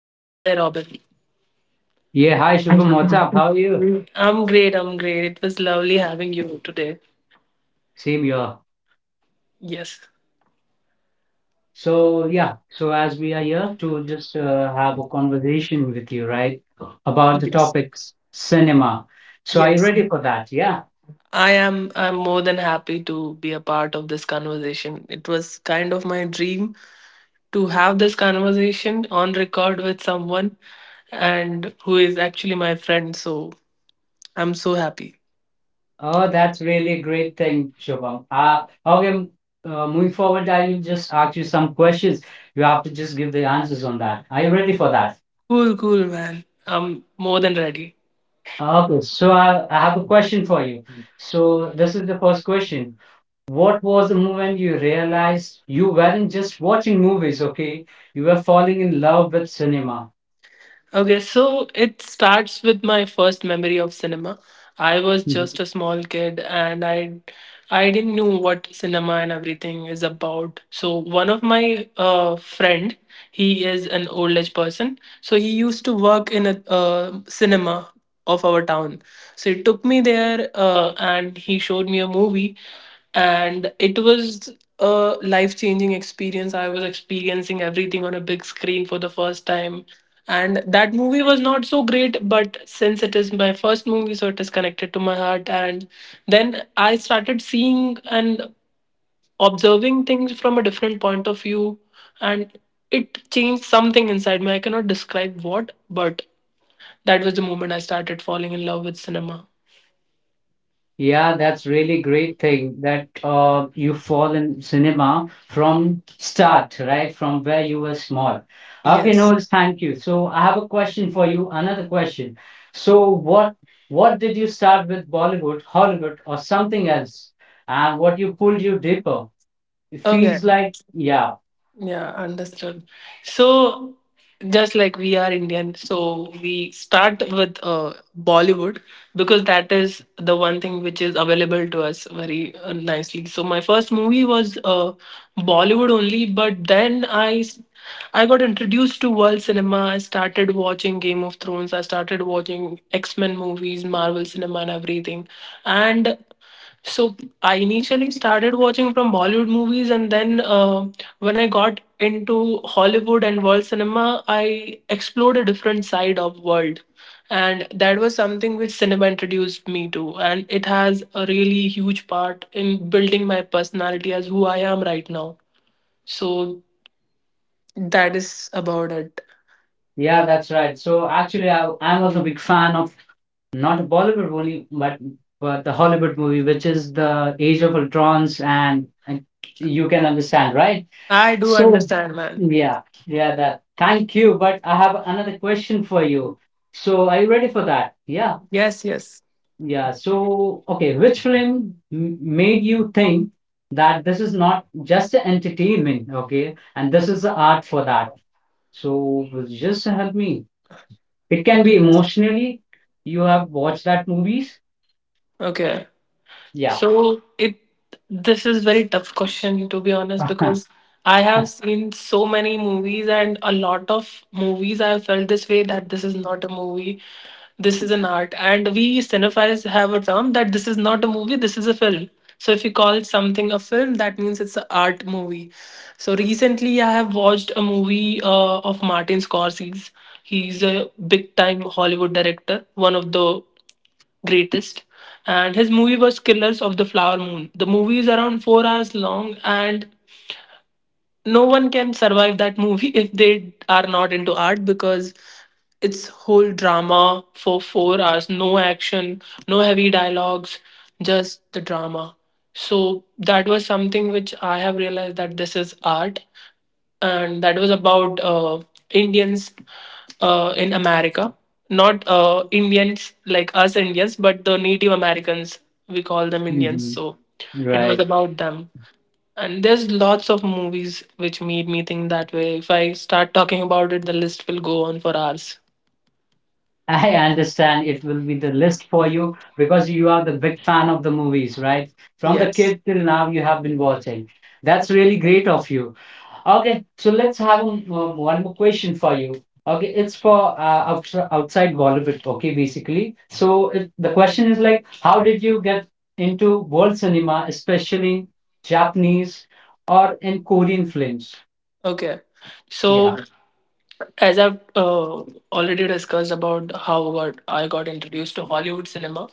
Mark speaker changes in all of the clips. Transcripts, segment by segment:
Speaker 1: Yes, hi Robin.
Speaker 2: Yeah, hi Shubham, what's up? How are you?
Speaker 1: I'm great, I'm great. It was lovely having you today.
Speaker 2: Same here.
Speaker 1: Yes.
Speaker 2: So, yeah, so as we are here to just have a conversation with you, right, about the topics cinema. So, are you
Speaker 1: Yes.
Speaker 2: ready for that? Yeah.
Speaker 1: I'm more than happy to be a part of this conversation. It was kind of my dream to have this conversation on record with someone and who is actually my friend, so I'm so happy.
Speaker 2: Oh, that's really a great thing, Shubham. Okay, moving forward, I will just ask you some questions. You have to just give the answers on that. Are you ready for that?
Speaker 1: Cool, cool man. I'm more than ready.
Speaker 2: Okay, so I have a question for you. So, this is the first question. What was the moment you realized you weren't just watching movies, okay? You were falling in love with cinema.
Speaker 1: Okay, so it starts with my first memory of cinema. I was
Speaker 2: Mhm.
Speaker 1: just a small kid and I didn't know what cinema and everything is about. So one of my friend, he is an old age person. So he used to work in a cinema of our town. So he took me there and he showed me a movie, and it was a life changing experience. I was experiencing everything on a big screen for the first time. And that movie was not so great, but since it is my first movie, so it is connected to my heart. And then I started seeing and observing things from a different point of view, and it changed something inside me. I cannot describe what, but that was the moment I started falling in love with cinema.
Speaker 2: Yeah, that's really great thing that you fall in cinema from start, right? From where you were small. Okay,
Speaker 1: Yes.
Speaker 2: Noel, thank you. So I have a question for you, another question. So what did you start with Bollywood, Hollywood, or something else? And what you pulled you deeper? It
Speaker 1: Okay.
Speaker 2: feels like, yeah.
Speaker 1: Yeah, understood. So, just like we are Indian, so we start with Bollywood because that is the one thing which is available to us very nicely. So, my first movie was Bollywood only, but then I got introduced to world cinema. I started watching Game of Thrones. I started watching X Men movies, Marvel cinema, and everything. And so I initially started watching from Bollywood movies, and then when I got into Hollywood and world cinema, I explored a different side of world, and that was something which cinema introduced me to, and it has a really huge part in building my personality as who I am right now. So that is about it.
Speaker 2: Yeah, that's right. So actually, I was a big fan of not a Bollywood movie, but the Hollywood movie, which is the Age of Ultrons, and you can understand, right?
Speaker 1: I do
Speaker 2: So
Speaker 1: understand, man.
Speaker 2: yeah, yeah, that. Thank you. But I have another question for you. So are you ready for that? Yeah,
Speaker 1: Yes, yes,
Speaker 2: yeah. So okay, which film made you think that this is not just entertainment, okay, and this is the art for that? So just help me. It can be
Speaker 1: yes.
Speaker 2: emotionally. You have watched that movies.
Speaker 1: Okay.
Speaker 2: Yeah.
Speaker 1: So it this is very tough question to be honest because I have seen so many movies and a lot of movies I have felt this way that this is not a movie, this is an art. And we cinephiles have a term that this is not a movie, this is a film. So if you call something a film, that means it's an art movie. So recently I have watched a movie of Martin Scorsese. He's a big time Hollywood director, one of the greatest. And his movie was Killers of the Flower Moon. The movie is around 4 hours long, and no one can survive that movie if they are not into art because it's whole drama for 4 hours, no action, no heavy dialogues, just the drama. So that was something which I have realized, that this is art. And that was about Indians in America, not Indians like us Indians, but the Native Americans. We call them Indians.
Speaker 2: Mhm.
Speaker 1: So it was
Speaker 2: Right.
Speaker 1: about them, and there's lots of movies which made me think that way. If I start talking about it, the list will go on for hours.
Speaker 2: I understand it will be the list for you because you are the big fan of the movies, right? From the
Speaker 1: Yes.
Speaker 2: kid till now, you have been watching. That's really great of you. Okay, so let's have one more question for you. Okay, it's for outside Bollywood. Okay, basically. So the question is like, how did you get into world cinema, especially Japanese or in Korean films?
Speaker 1: Okay. So,
Speaker 2: Yeah.
Speaker 1: as I've already discussed about I got introduced to Hollywood cinema,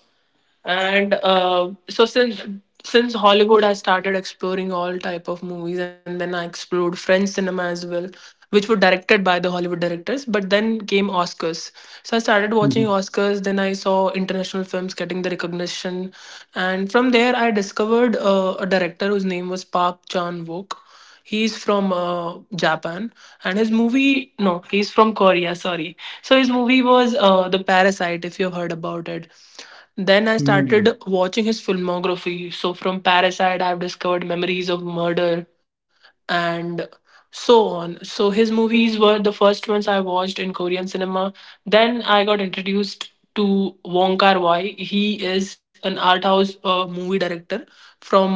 Speaker 1: and so since Hollywood, I started exploring all type of movies, and then I explored French cinema as well, which were directed by the Hollywood directors. But then came Oscars, so I started watching Oscars. Then I saw international films getting the recognition, and from there I discovered a director whose name was Park chan wook he's from Japan, and his movie, no, he's from Korea, sorry. So his movie was The Parasite, if you've heard about it. Then I started watching his filmography. So from Parasite, I've discovered Memories of Murder and so on. So his movies were the first ones I watched in Korean cinema. Then I got introduced to Wong Kar-wai. He is an art house movie director from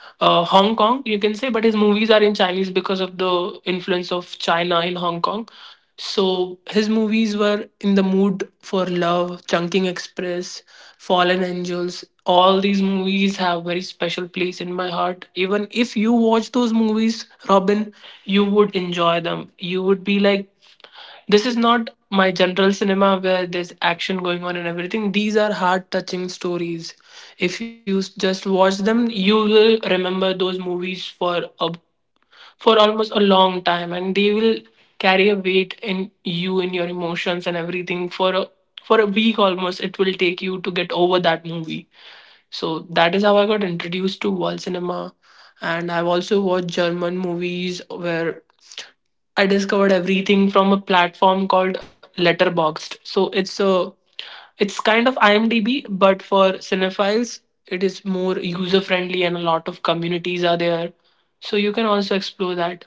Speaker 1: Hong Kong, you can say, but his movies are in Chinese because of the influence of China in Hong Kong. So his movies were In the Mood for Love, Chunking Express, Fallen Angels. All these movies have very special place in my heart. Even if you watch those movies, Robin, you would enjoy them. You would be like, this is not my general cinema where there's action going on and everything. These are heart touching stories. If just watch them, you will remember those movies for a for almost a long time, and they will carry a weight in you, in your emotions and everything, for a week. Almost it will take you to get over that movie. So that is how I got introduced to world cinema, and I've also watched German movies, where I discovered everything from a platform called Letterboxd. So it's kind of IMDb but for cinephiles. It is more user friendly, and a lot of communities are there, so you can also explore that.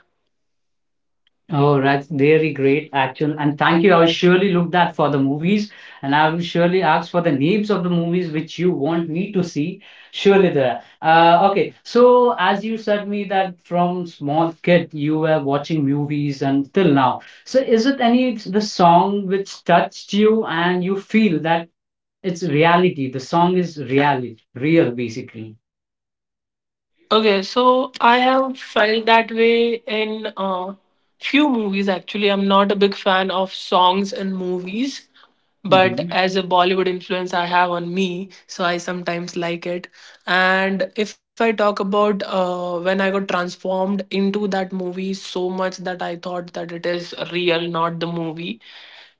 Speaker 2: Oh, that's really great, actually. And thank you. I will surely look that for the movies, and I will surely ask for the names of the movies which you want me to see. Surely there. Okay. So as you said me that from small kid you were watching movies and till now. So is it any the song which touched you and you feel that it's reality? The song is reality, real basically.
Speaker 1: Okay, so I have felt that way in few movies actually. I'm not a big fan of songs and movies, but
Speaker 2: Hmm.
Speaker 1: as a Bollywood influence I have on me, so I sometimes like it. And if I talk about when I got transformed into that movie so much that I thought that it is real, not the movie.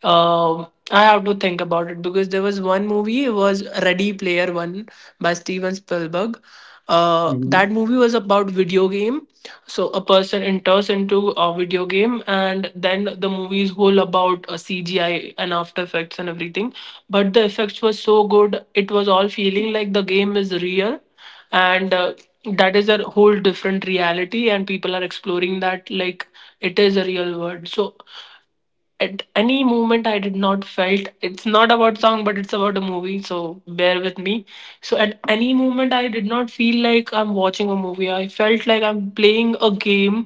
Speaker 1: I have to think about it because there was one movie, it was Ready Player One by Steven Spielberg.
Speaker 2: Hmm.
Speaker 1: That movie was about video game. So a person enters into a video game, and then the movie is whole about CGI and After Effects and everything. But the effects were so good, it was all feeling like the game is real, and that is a whole different reality. And people are exploring that like it is a real world. So at any moment, I did not felt, it's not about song but it's about a movie, so bear with me. So at any moment, I did not feel like I'm watching a movie. I felt like I'm playing a game,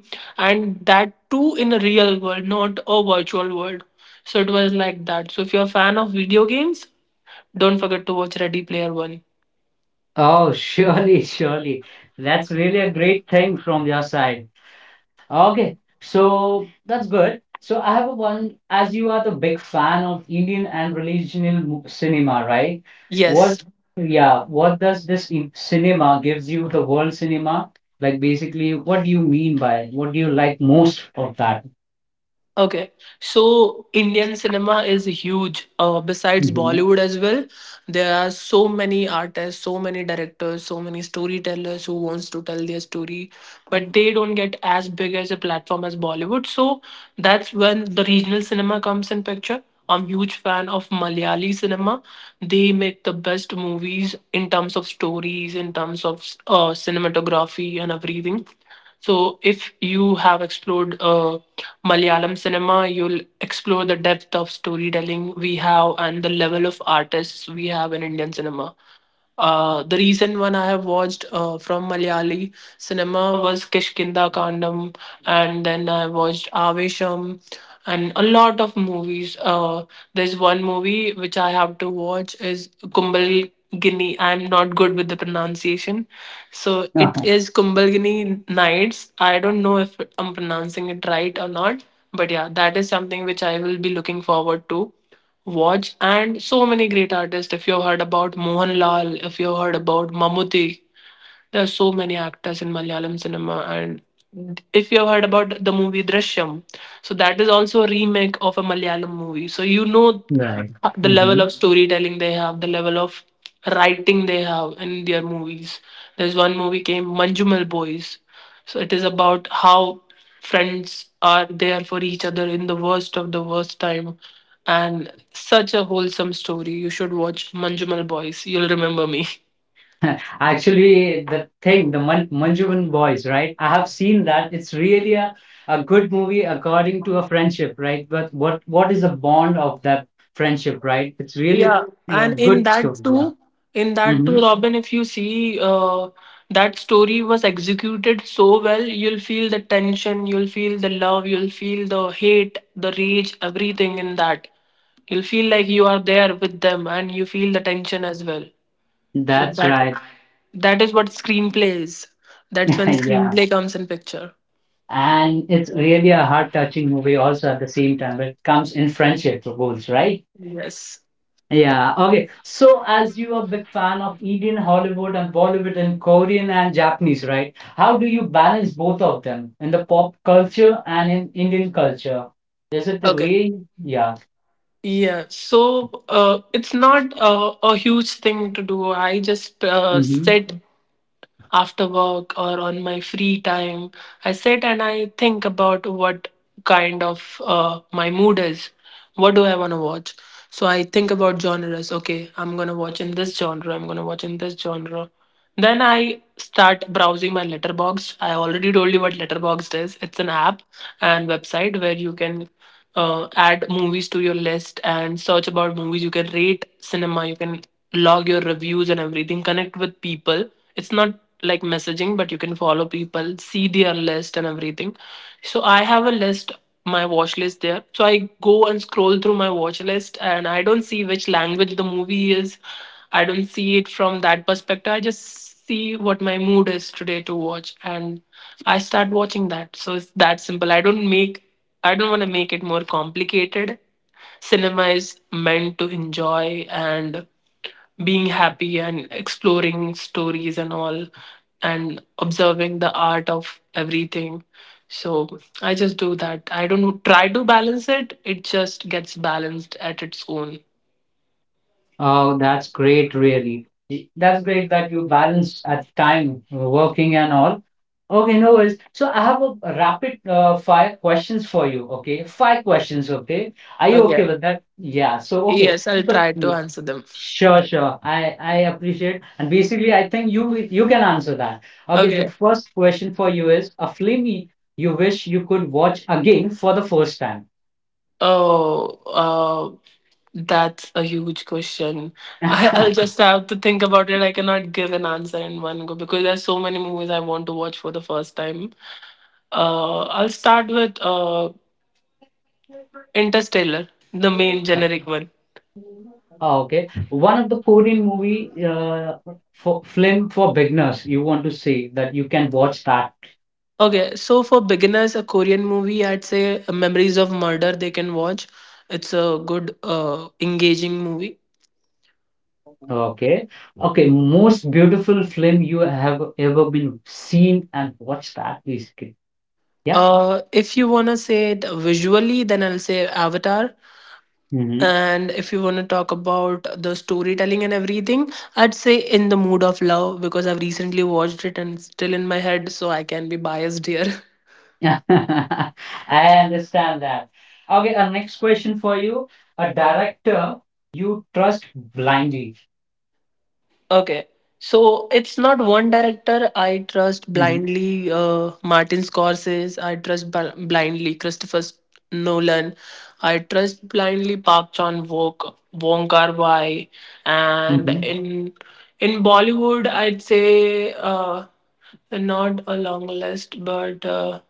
Speaker 1: and that too in a real world, not a virtual world. So it was like that. So if you're a fan of video games, don't forget to watch Ready Player One.
Speaker 2: Oh, surely, surely. That's really a great thing from your side. Okay, so that's good. So I have a one, as you are the big fan of Indian and regional cinema, right?
Speaker 1: Yes.
Speaker 2: What, yeah, what does this in cinema gives you the world cinema? Like basically, what do you mean by it? What do you like most of that?
Speaker 1: Okay, so Indian cinema is huge. Besides
Speaker 2: Mm-hmm.
Speaker 1: Bollywood as well, there are so many artists, so many directors, so many storytellers who wants to tell their story, but they don't get as big as a platform as Bollywood. So that's when the regional cinema comes in picture. I'm huge fan of Malayali cinema. They make the best movies in terms of stories, in terms of cinematography and everything. So if you have explored Malayalam cinema, you'll explore the depth of storytelling we have and the level of artists we have in Indian cinema. The recent one I have watched from Malayali cinema was Kishkinda Kandam, and then I watched Avesham and a lot of movies. There's one movie which I have to watch is Kumbal, I'm not good with the pronunciation, so it
Speaker 2: Uh-huh.
Speaker 1: is Kumbhalgini Nights. I don't know if I'm pronouncing it right or not, but yeah, that is something which I will be looking forward to watch. And so many great artists, if you've heard about Mohanlal, if you've heard about Mammootty, there are so many actors in Malayalam cinema. And if you have heard about the movie Drishyam, so that is also a remake of a Malayalam movie. So you know
Speaker 2: Right.
Speaker 1: the level of storytelling they have, the level of writing they have in their movies. There's one movie came Manjumal Boys. So it is about how friends are there for each other in the worst of the worst time. And such a wholesome story. You should watch Manjumal Boys. You'll remember me.
Speaker 2: Actually, the thing, the Manjuban Boys, right? I have seen that. It's really a good movie according to a friendship, right? But what is the bond of that friendship, right? It's really a
Speaker 1: Yeah, and in
Speaker 2: good
Speaker 1: that
Speaker 2: story, yeah.
Speaker 1: too, in that
Speaker 2: Hmm.
Speaker 1: too, Robin, if you see that story was executed so well, you'll feel the tension, you'll feel the love, you'll feel the hate, the rage, everything in that. You'll feel like you are there with them, and you feel the tension as well. So
Speaker 2: That's
Speaker 1: that
Speaker 2: right.
Speaker 1: that is what screenplay is. That's when
Speaker 2: Yeah.
Speaker 1: screenplay comes in picture.
Speaker 2: And it's really a heart-touching movie also at the same time. It comes in friendship goals, right?
Speaker 1: Yes.
Speaker 2: Yeah, okay. So, as you are a big fan of Indian Hollywood and Bollywood and Korean and Japanese, right? How do you balance both of them in the pop culture and in Indian culture? Is it the
Speaker 1: Okay.
Speaker 2: way? Yeah.
Speaker 1: Yeah, so it's not a huge thing to do. I just
Speaker 2: Hmm.
Speaker 1: sit after work or on my free time. I sit and I think about what kind of my mood is. What do I want to watch? So I think about genres. Okay, I'm going to watch in this genre, I'm going to watch in this genre. Then I start browsing my Letterbox. I already told you what Letterbox is. It's an app and website where you can add movies to your list and search about movies. You can rate cinema. You can log your reviews and everything. Connect with people. It's not like messaging, but you can follow people, see their list and everything. So I have a list, my watch list there. So I go and scroll through my watch list and I don't see which language the movie is. I don't see it from that perspective. I just see what my mood is today to watch and I start watching that. So it's that simple. I don't want to make it more complicated. Cinema is meant to enjoy and being happy and exploring stories and all, and observing the art of everything, so I just do that. I don't try to balance it, it just gets balanced at its own.
Speaker 2: Oh, that's great, really. That's great that you balance at time working and all. Okay, no worries. So, I have a rapid fire questions for you. Okay, five questions. Okay, are you okay
Speaker 1: Okay,
Speaker 2: with that? Yeah. So, okay.
Speaker 1: yes,
Speaker 2: So,
Speaker 1: I'll
Speaker 2: The
Speaker 1: try to
Speaker 2: yeah.
Speaker 1: answer them.
Speaker 2: Sure, sure. I appreciate. And basically, I think you can answer that. Okay, the
Speaker 1: Okay.
Speaker 2: first question for you is a film you wish you could watch again for the first time.
Speaker 1: Oh, that's a huge question. I'll just have to think about it. I cannot give an answer in one go because there's so many movies I want to watch for the first time. I'll start with Interstellar, the main generic one.
Speaker 2: Oh, okay. One of the Korean movie for film for beginners, you want to say that you can watch that.
Speaker 1: Okay, so for beginners, a Korean movie, I'd say Memories of Murder, they can watch. It's a good, engaging movie.
Speaker 2: Okay. Okay, most beautiful film you have ever been seen and watched that basically.
Speaker 1: If you wanna say it visually, then I'll say Avatar.
Speaker 2: Yeah.
Speaker 1: And if you wanna talk about the storytelling and everything, I'd say In the Mood of Love, because I've recently watched it and it's still in my head, so I can be biased here.
Speaker 2: I understand that. Okay, our next question for you. A director you trust blindly.
Speaker 1: Okay. So it's not one director I trust
Speaker 2: Mhm,
Speaker 1: blindly. Martin Scorsese, I trust blindly. Nolan, I trust blindly. Park Chan Wook, Wong Kar Wai, and
Speaker 2: mhm.
Speaker 1: in Bollywood, I'd say not a long list, but.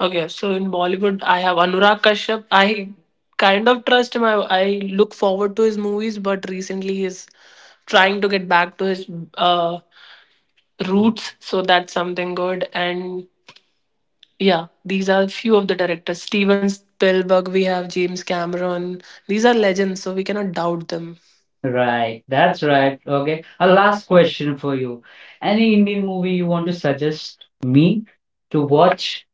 Speaker 1: Okay, so in Bollywood, I have Anurag Kashyap. I kind of trust him. I look forward to his movies, but recently he's trying to get back to his uh, roots, so that's something good. And yeah, these are few of the directors. Steven Spielberg, we have James Cameron. These are legends, so we cannot doubt them.
Speaker 2: Right, that's right. Okay, a last question for you. Any Indian movie you want to suggest me to watch?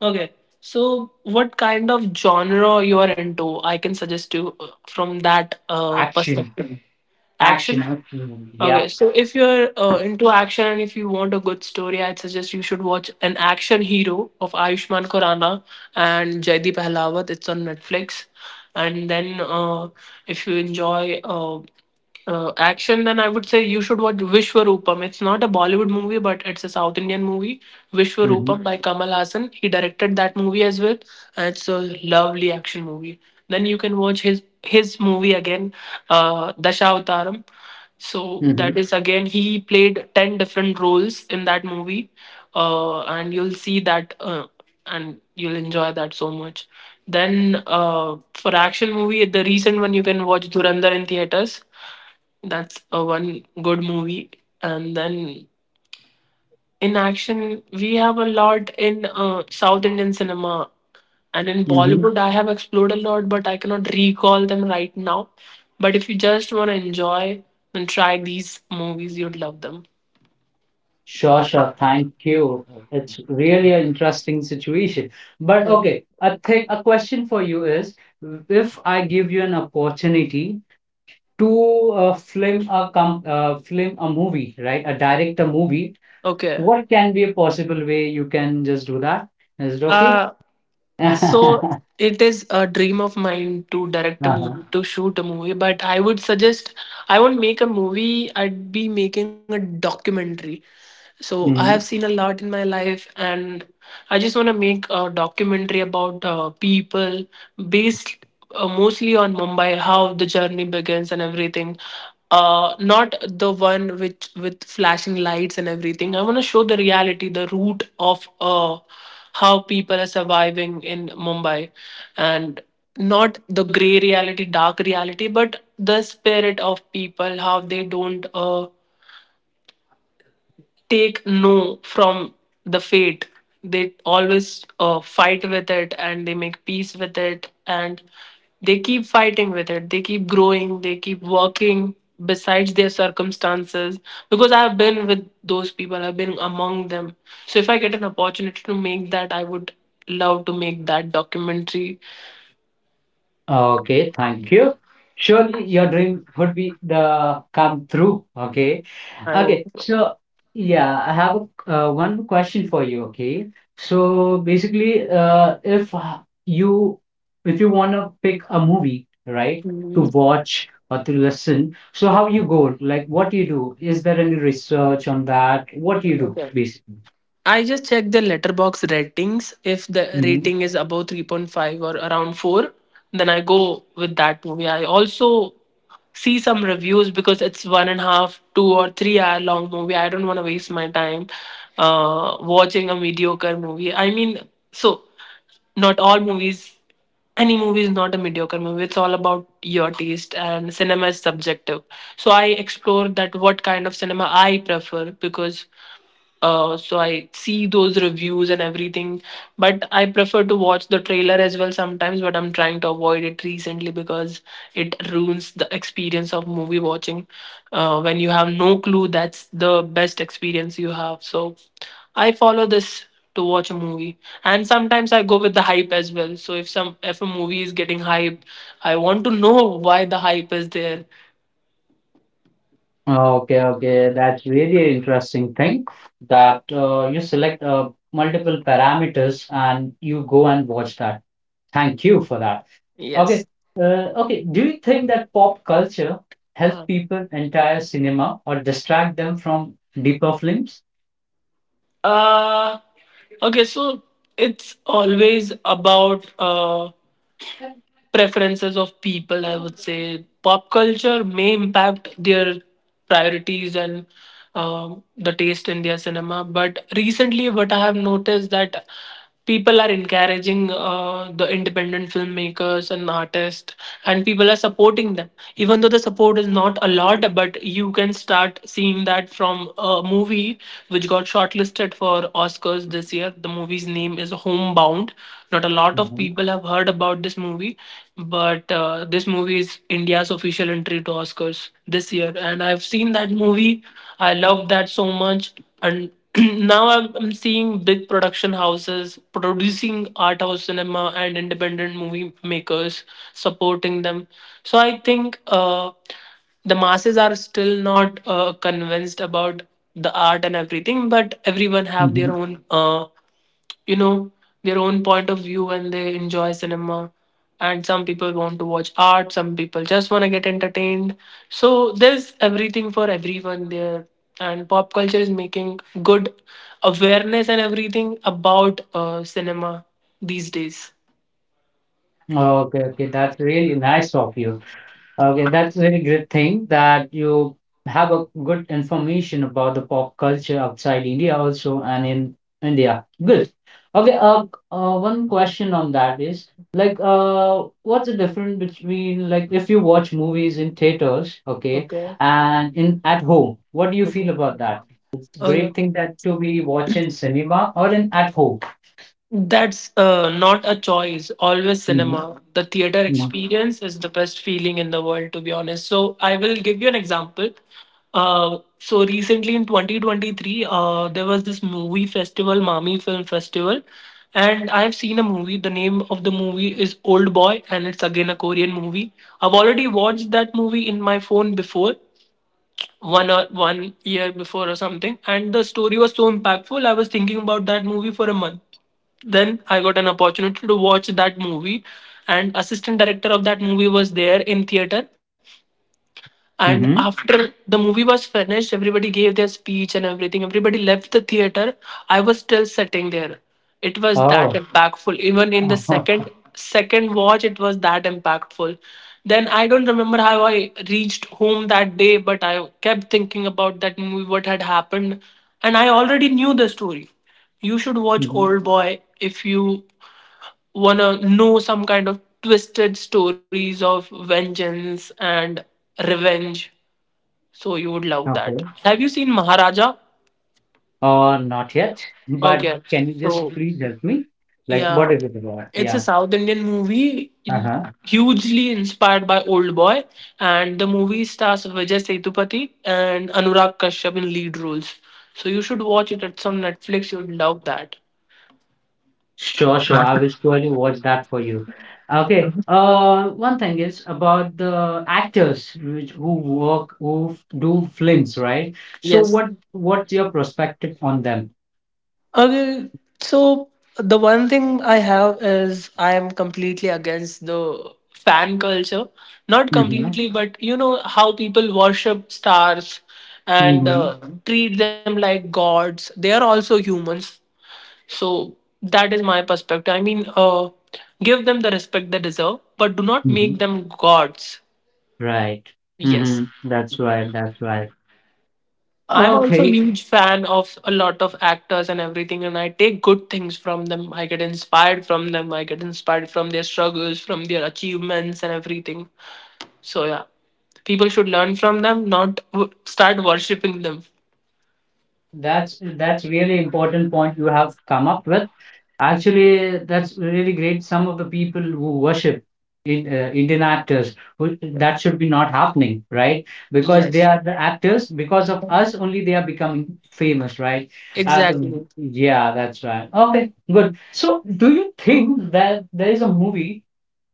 Speaker 1: Okay, so what kind of genre you are into? I can suggest you from that
Speaker 2: Action.
Speaker 1: perspective.
Speaker 2: Action.
Speaker 1: Action.
Speaker 2: Action movie, yep.
Speaker 1: Okay, so if you're into action and if you want a good story, I'd suggest you should watch An Action Hero of Ayushmann Khurrana and Jaideep Ahlawat. It's on Netflix. And then if you enjoy action, then I would say you should watch Vishwarupam. It's not a Bollywood movie, but it's a South Indian movie.
Speaker 2: Mm-hmm.
Speaker 1: Vishwarupam by Kamal Hassan. He directed that movie as well, and it's a lovely action movie. Then you can watch his movie again, Dashawtaram. So
Speaker 2: Mm-hmm.
Speaker 1: that is again, he played 10 different roles in that movie. And you'll see that, and you'll enjoy that so much. Then, for action movie, the recent one you can watch Dhurandhar in theaters. That's a one good movie. And then in action we have a lot in south indian cinema, and in
Speaker 2: Mm-hmm.
Speaker 1: Bollywood I have explored a lot, but I cannot recall them right now. But if you just want to enjoy, then try these movies, you'd love them.
Speaker 2: Sure, sure. Thank you. It's really an interesting situation. But
Speaker 1: Yeah.
Speaker 2: okay, a thing, a question for you is, if I give you an opportunity to film a movie, right? A direct a movie,
Speaker 1: Okay,
Speaker 2: what can be a possible way you can just do that? Is it okay?
Speaker 1: uh so it is a dream of mine to direct a
Speaker 2: Uh-huh.
Speaker 1: movie, to shoot a movie, but I would suggest I won't make a movie, I'd be making a documentary. So I have
Speaker 2: Mhm.
Speaker 1: seen a lot in my life, and I just want to make a documentary about people based mostly on Mumbai, how the journey begins and everything. Not the one which with flashing lights and everything. I want to show the reality, the root of how people are surviving in Mumbai, and not the gray reality, dark reality, but the spirit of people, how they don't. Take no from the fate. They always fight with it and they make peace with it and they keep fighting with it. They keep growing, they keep working besides their circumstances, because I have been with those people, I've been among them. So if I get an opportunity to make that, I would love to make that documentary.
Speaker 2: Okay, thank you. Surely your dream would be the come through. Okay.
Speaker 1: I
Speaker 2: Okay.
Speaker 1: hope so.
Speaker 2: So yeah, I have one question for you. Okay. So basically, you if you want to pick a movie, right, to
Speaker 1: Mhm.
Speaker 2: watch or to listen, so how you go? Like, what do you do? Is there any research on that? What do you do,
Speaker 1: Okay.
Speaker 2: basically?
Speaker 1: I just check the letterbox ratings. If the
Speaker 2: Mm-hmm.
Speaker 1: rating is above 3.5 or around 4, then I go with that movie. I also see some reviews because it's one and a half, 2 or 3 hour long movie. I don't want to waste my time watching a mediocre movie. I mean, so not all movies, any movie is not a mediocre movie. It's all about your taste, and cinema is subjective. So I explore that what kind of cinema I prefer, because so I see those reviews and everything. But I prefer to watch the trailer as well sometimes. But I'm trying to avoid it recently because it ruins the experience of movie watching. When you have no clue, that's the best experience you have. So I follow this to watch a movie, and sometimes I go with the hype as well. So if a movie is getting hype, I want to know why the hype is there.
Speaker 2: Okay, okay. That's really interesting thing that you select multiple parameters and you go and watch that. Thank you for that. Okay.
Speaker 1: Yes.
Speaker 2: Okay. Do you think that pop culture helps
Speaker 1: Uh,
Speaker 2: people entire cinema or distract them from deeper films?
Speaker 1: Uh, okay, so it's always about preferences of people. I would say pop culture may impact their priorities and the taste in their cinema. But recently, what I have noticed that people are encouraging the independent filmmakers and artists, and people are supporting them. Even though the support is not a lot, but you can start seeing that from a movie which got shortlisted for Oscars this year. The movie's name is Homebound. Not a lot of
Speaker 2: Mhm.
Speaker 1: people have heard about this movie, but this movie is India's official entry to Oscars this year. And I've seen that movie. I love that so much. And now I'm seeing big production houses producing art house cinema and independent movie makers supporting them. So I think the masses are still not convinced about the art and everything, but everyone have their
Speaker 2: Mhm.
Speaker 1: own you know their own point of view and they enjoy cinema. And some people want to watch art, some people just want to get entertained, so there's everything for everyone there. And pop culture is making good awareness and everything about cinema these days.
Speaker 2: Okay, okay. That's really nice of you. Okay, that's a very great thing that you have a good information about the pop culture outside India also and in India. Good. Okay, one question on that is like what's the difference between like if you watch movies in theaters, okay,
Speaker 1: Okay,
Speaker 2: and in at home, what do you
Speaker 1: okay.
Speaker 2: feel about
Speaker 1: Okay.
Speaker 2: that? It's a
Speaker 1: Oh, yeah.
Speaker 2: great thing that to be watching cinema or in at home.
Speaker 1: That's not a choice. Always
Speaker 2: Mm-hmm.
Speaker 1: cinema. The theater experience is the best feeling in the world, to be honest. So I will give you an example. So recently in 2023, there was this movie festival, Mami Film Festival, and I have seen a movie. The name of the movie is Old Boy, and it's again a Korean movie. I've already watched that movie in my phone before, one year before or something, and the story was so impactful, I was thinking about that movie for a month. Then I got an opportunity to watch that movie, and assistant director of that movie was there in theater, and
Speaker 2: Mm-hmm.
Speaker 1: after the movie was finished, everybody gave their speech and everything. Everybody left the theater. I was still sitting there. It was that
Speaker 2: Oh.
Speaker 1: impactful. Even in the second watch, it was that impactful. Then I don't remember how I reached home that day, but I kept thinking about that movie, what had happened, and I already knew the story. You should watch
Speaker 2: Mhm.
Speaker 1: Old Boy if you wanna know some kind of twisted stories of vengeance and revenge, so you would love that.
Speaker 2: Okay.
Speaker 1: Have you seen Maharaja?
Speaker 2: Not yet, but
Speaker 1: Okay.
Speaker 2: can you
Speaker 1: So
Speaker 2: just please help me? Like,
Speaker 1: yeah,
Speaker 2: what is it about?
Speaker 1: it's a
Speaker 2: Yeah.
Speaker 1: South Indian movie
Speaker 2: Uh-huh.
Speaker 1: hugely inspired by Old Boy, and the movie stars Vijay Sethupathi and Anurag Kashyap in lead roles. So you should watch it. It's on Netflix. You'd love that.
Speaker 2: Sure, sure. I will surely watch that for you. Okay. One thing is about the actors which who work who do films, right? So
Speaker 1: Yes.
Speaker 2: what's your perspective on them?
Speaker 1: Okay, so the one thing I have is I am completely against the fan culture. Not
Speaker 2: Mm-hmm.
Speaker 1: completely, but you know how people worship stars and
Speaker 2: Mm-hmm.
Speaker 1: treat them like gods. They are also humans. So that is my perspective. I mean, give them the respect they deserve, but do not
Speaker 2: Mm-hmm.
Speaker 1: make them gods.
Speaker 2: Right.
Speaker 1: Yes.
Speaker 2: Mm-hmm. That's right. That's right.
Speaker 1: I'm also a
Speaker 2: Okay.
Speaker 1: huge fan of a lot of actors and everything, and I take good things from them. I get inspired from them. I get inspired from their struggles, from their achievements, and everything. So, yeah, people should learn from them, not start worshipping them.
Speaker 2: That's really important point you have come up with. Actually, that's really great. Some of the people who worship in, Indian actors, who, that should be not happening, right? Because they
Speaker 1: Yes,
Speaker 2: are the actors. Because of us, only they are becoming famous, right?
Speaker 1: exactly.
Speaker 2: Yeah, that's right. Okay, good. So, do you think that there is a movie?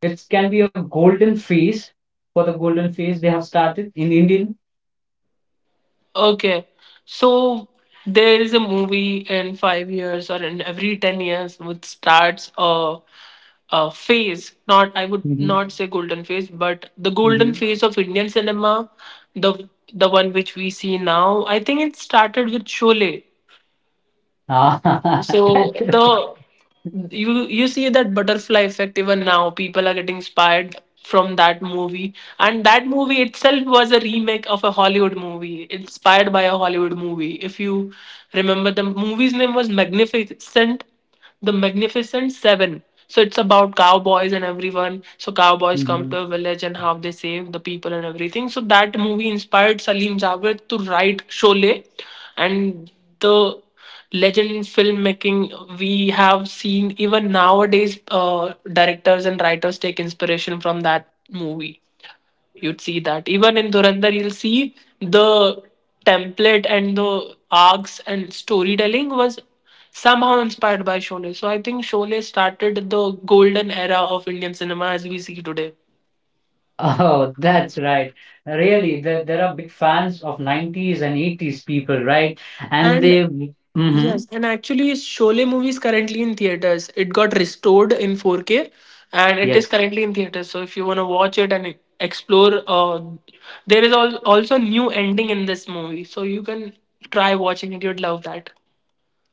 Speaker 2: It can be a golden phase for the golden phase they have started in Indian.
Speaker 1: Okay. So there is a movie in 5 years or in every 10 years which starts a phase. Not I would
Speaker 2: Mm-hmm.
Speaker 1: not say golden phase, but the golden
Speaker 2: Mm-hmm.
Speaker 1: phase of Indian cinema, the one which we see now. I think it started with Sholay.
Speaker 2: Ah,
Speaker 1: So
Speaker 2: that's right.
Speaker 1: the you see that butterfly effect. Even now people are getting inspired from that movie, and that movie itself was a remake of a Hollywood movie, inspired by a Hollywood movie. If you remember, the movie's name was magnificent, the Magnificent Seven. So it's about cowboys and everyone. So cowboys come
Speaker 2: Mm-hmm.
Speaker 1: to a village and how they save the people and everything. So that movie inspired Salim Javed to write Sholay, and the legend in filmmaking, we have seen even nowadays directors and writers take inspiration from that movie. You'd see that even in Durandar, you'll see the template and the arcs, and storytelling was somehow inspired by Sholay. So I think Sholay started the golden era of Indian cinema as we see today.
Speaker 2: Oh, that's right. Really, there are big fans of 90s and 80s people, right? And
Speaker 1: And
Speaker 2: they, mm-hmm,
Speaker 1: yes, and actually, Sholay movie is currently in theaters. It got restored in 4K, and it is
Speaker 2: yes,
Speaker 1: currently in theaters. So if you wanna watch it and explore, there is also new ending in this movie. So you can try watching it. You'd love that.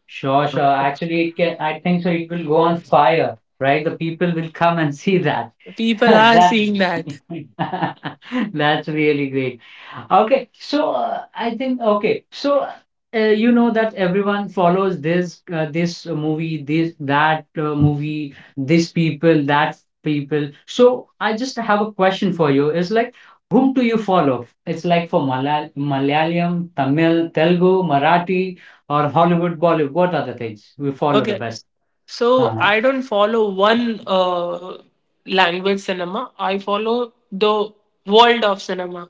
Speaker 2: sure, sure. Actually, it can, I think so. It will go on fire, right? The people will come and see that.
Speaker 1: People are
Speaker 2: That,
Speaker 1: seeing that.
Speaker 2: that's really great. Okay, so I think okay, so you know that everyone follows this this movie, this that movie, this people, that people. So I just have a question for you. It's like whom do you follow? It's like for Malal Malayalam, Tamil, Telugu, Marathi, or Hollywood, Bollywood. What are the things we follow the
Speaker 1: Okay.
Speaker 2: best?
Speaker 1: So
Speaker 2: Uh-huh.
Speaker 1: I don't follow one language cinema. I follow the world of cinema.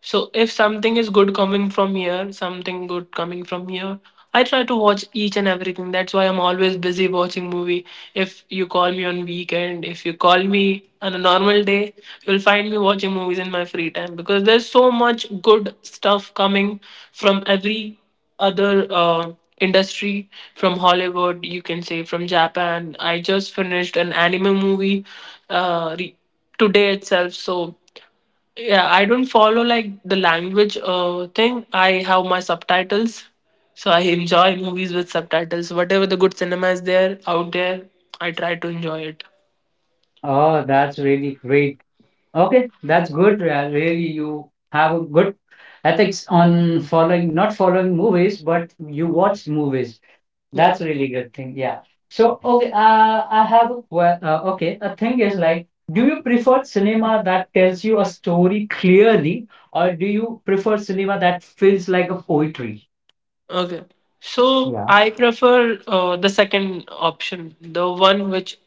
Speaker 1: So if something is good coming from here, something good coming from here, I try to watch each and everything. That's why I'm always busy watching movie. If you call me on weekend, if you call me on a normal day, you'll find me watching movies in my free time, because there's so much good stuff coming from every other industry, from Hollywood, you can say from Japan. I just finished an anime movie uh, re- today itself. So yeah, I don't follow like the language thing. I have my subtitles, so I enjoy movies with subtitles. Whatever the good cinema is there out there, I try to enjoy it.
Speaker 2: Oh, that's really great. Okay, that's good. Really, you have a good ethics on following, not following movies, but you watch movies.
Speaker 1: Yeah.
Speaker 2: That's a really good thing. Yeah. So, okay, I have okay. A thing is like, do you prefer cinema that tells you a story clearly, or do you prefer cinema that feels like a poetry?
Speaker 1: Okay. So
Speaker 2: Yeah.
Speaker 1: I prefer the second option, the one which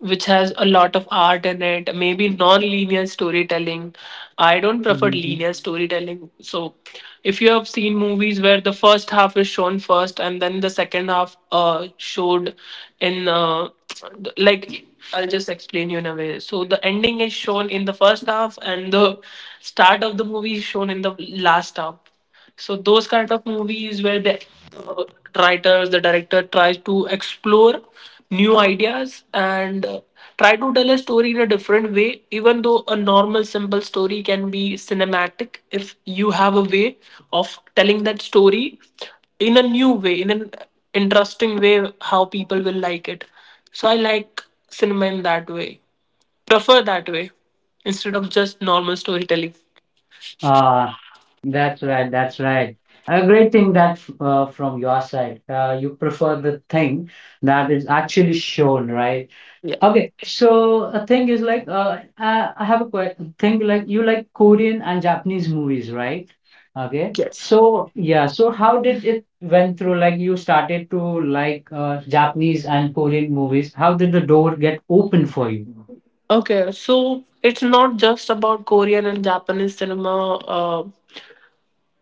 Speaker 1: which has a lot of art in it, maybe non-linear storytelling. I don't prefer
Speaker 2: Mhm.
Speaker 1: linear storytelling. So if you have seen movies where the first half is shown first and then the second half showed in like, I'll just explain you in a way. So the ending is shown in the first half and the start of the movie is shown in the last half. So those kind of movies where the uh, writers, the director tries to explore new ideas and try to tell a story in a different way. Even though a normal simple story can be cinematic, if you have a way of telling that story in a new way, in an interesting way, how people will like it. So I like cinema in that way. Prefer that way instead of just normal storytelling.
Speaker 2: Uh, That's right. That's right. A great thing that from your side, you prefer the thing that is actually shown, right?
Speaker 1: Yeah.
Speaker 2: Okay. So a thing is like I have a question. Thing like you like Korean and Japanese movies, right? Okay.
Speaker 1: Yes.
Speaker 2: So yeah. So how did it went through? Like you started to like Japanese and Korean movies. How did the door get open for you?
Speaker 1: Okay, so it's not just about Korean and Japanese cinema.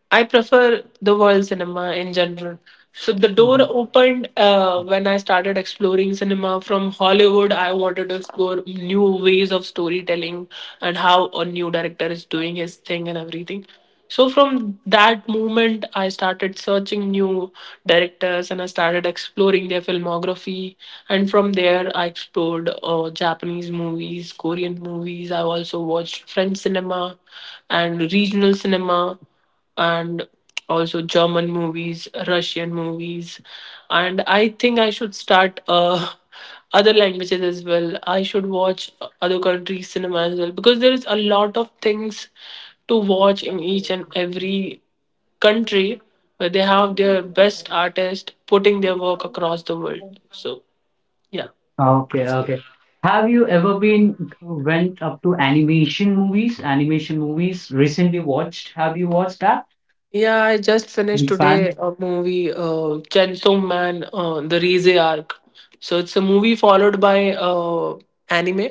Speaker 1: I prefer the world cinema in general. So the door
Speaker 2: Mhm.
Speaker 1: opened when I started exploring cinema from Hollywood. I wanted to explore new ways of storytelling and how a new director is doing his thing and everything. So from that moment, I started searching new directors, and I started exploring their filmography. And from there, I explored Japanese movies, Korean movies. I also watched French cinema and regional cinema, and also German movies, Russian movies, and I think I should start other languages as well. I should watch other countries' cinema as well, because there is a lot of things to watch in each and every country where they have their best artists putting their work across the world. So yeah.
Speaker 2: Okay, okay. Have you ever been went up to animation movies? Animation movies recently watched. Have you watched that?
Speaker 1: Yeah, I just finished
Speaker 2: You
Speaker 1: today
Speaker 2: fan?
Speaker 1: a movie, Chainsaw Man, the Rize arc. So it's a movie followed by anime,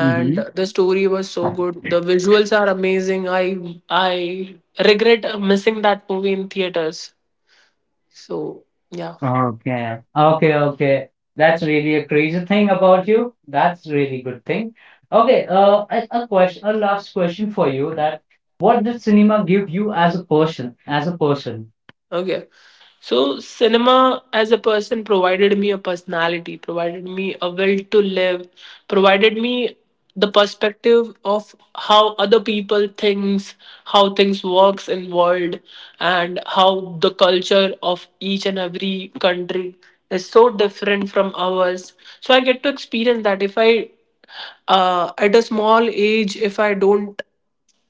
Speaker 2: Mm-hmm.
Speaker 1: the story was so good. The visuals are amazing. I regret missing that movie in theaters. So yeah.
Speaker 2: Okay, okay, okay. That's really a crazy thing about you. That's really good thing. Okay, a question, a last question for you. That what did cinema give you as a person? As a person.
Speaker 1: Okay. So, cinema as a person provided me a personality, provided me a will to live, provided me the perspective of how other people thinks, how things works in world, and how the culture of each and every country is so different from ours. So I get to experience that. If I at a small age, if I don't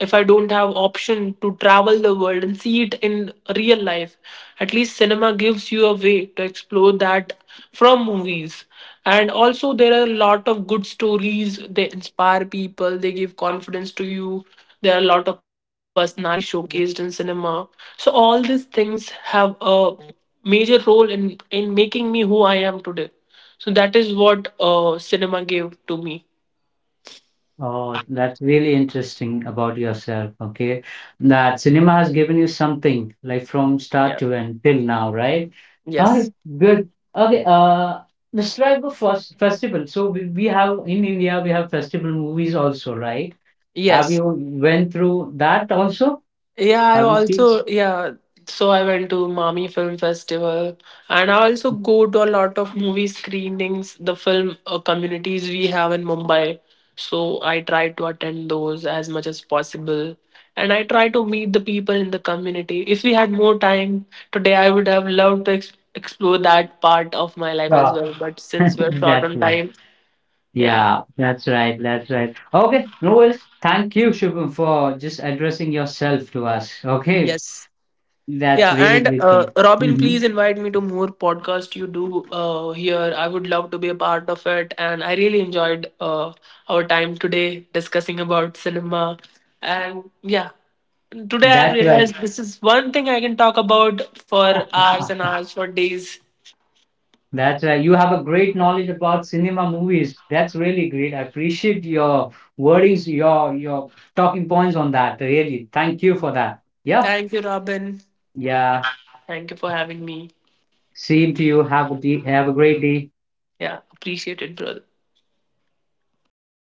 Speaker 1: if i don't have option to travel the world and see it in real life, at least cinema gives you a way to explore that from movies. And also, there are a lot of good stories. They inspire people. They give confidence to you. There are a lot of personalities showcased in cinema. So all these things have a major role in making me who I am today. So that is what cinema gave to me.
Speaker 2: Oh, that's really interesting about yourself. Okay. That cinema has given you something like from start
Speaker 1: Yeah.
Speaker 2: to end till now, right? All right,
Speaker 1: Yes.
Speaker 2: good. Okay. Describe the first festival. So we have in India, we have festival movies also, right? Have
Speaker 1: Yes.
Speaker 2: you went through that also?
Speaker 1: Yeah, I
Speaker 2: Have you seen?
Speaker 1: also yeah. So I went to Mami Film Festival, and I also go to a lot of movie screenings. The film communities we have in Mumbai, so I try to attend those as much as possible, and I try to meet the people in the community. If we had more time today, I would have loved to explore that part of my life as
Speaker 2: Yeah.
Speaker 1: well. But since we're short
Speaker 2: That's
Speaker 1: on
Speaker 2: right.
Speaker 1: time, yeah,
Speaker 2: Yeah, that's right. That's right. Okay, no worries. Thank you, Shubham, for just addressing yourself to us. Okay,
Speaker 1: yes, yeah,
Speaker 2: that's
Speaker 1: and
Speaker 2: really grateful.
Speaker 1: Robin, please
Speaker 2: Mhm.
Speaker 1: invite me to more podcast you do here. I would love to be a part of it, and I really enjoyed our time today discussing about cinema. And yeah, today I've
Speaker 2: That's right.
Speaker 1: realized this is one thing I can talk about for hours and hours, for days.
Speaker 2: That's right. You have a great knowledge about cinema movies. That's really great. I appreciate your wordings, your talking points on that. Really, thank you for that. Yeah,
Speaker 1: Thank you, Robin.
Speaker 2: yeah.
Speaker 1: Thank you for having me.
Speaker 2: Same to you. Have a have a great day.
Speaker 1: Yeah, appreciate it, brother.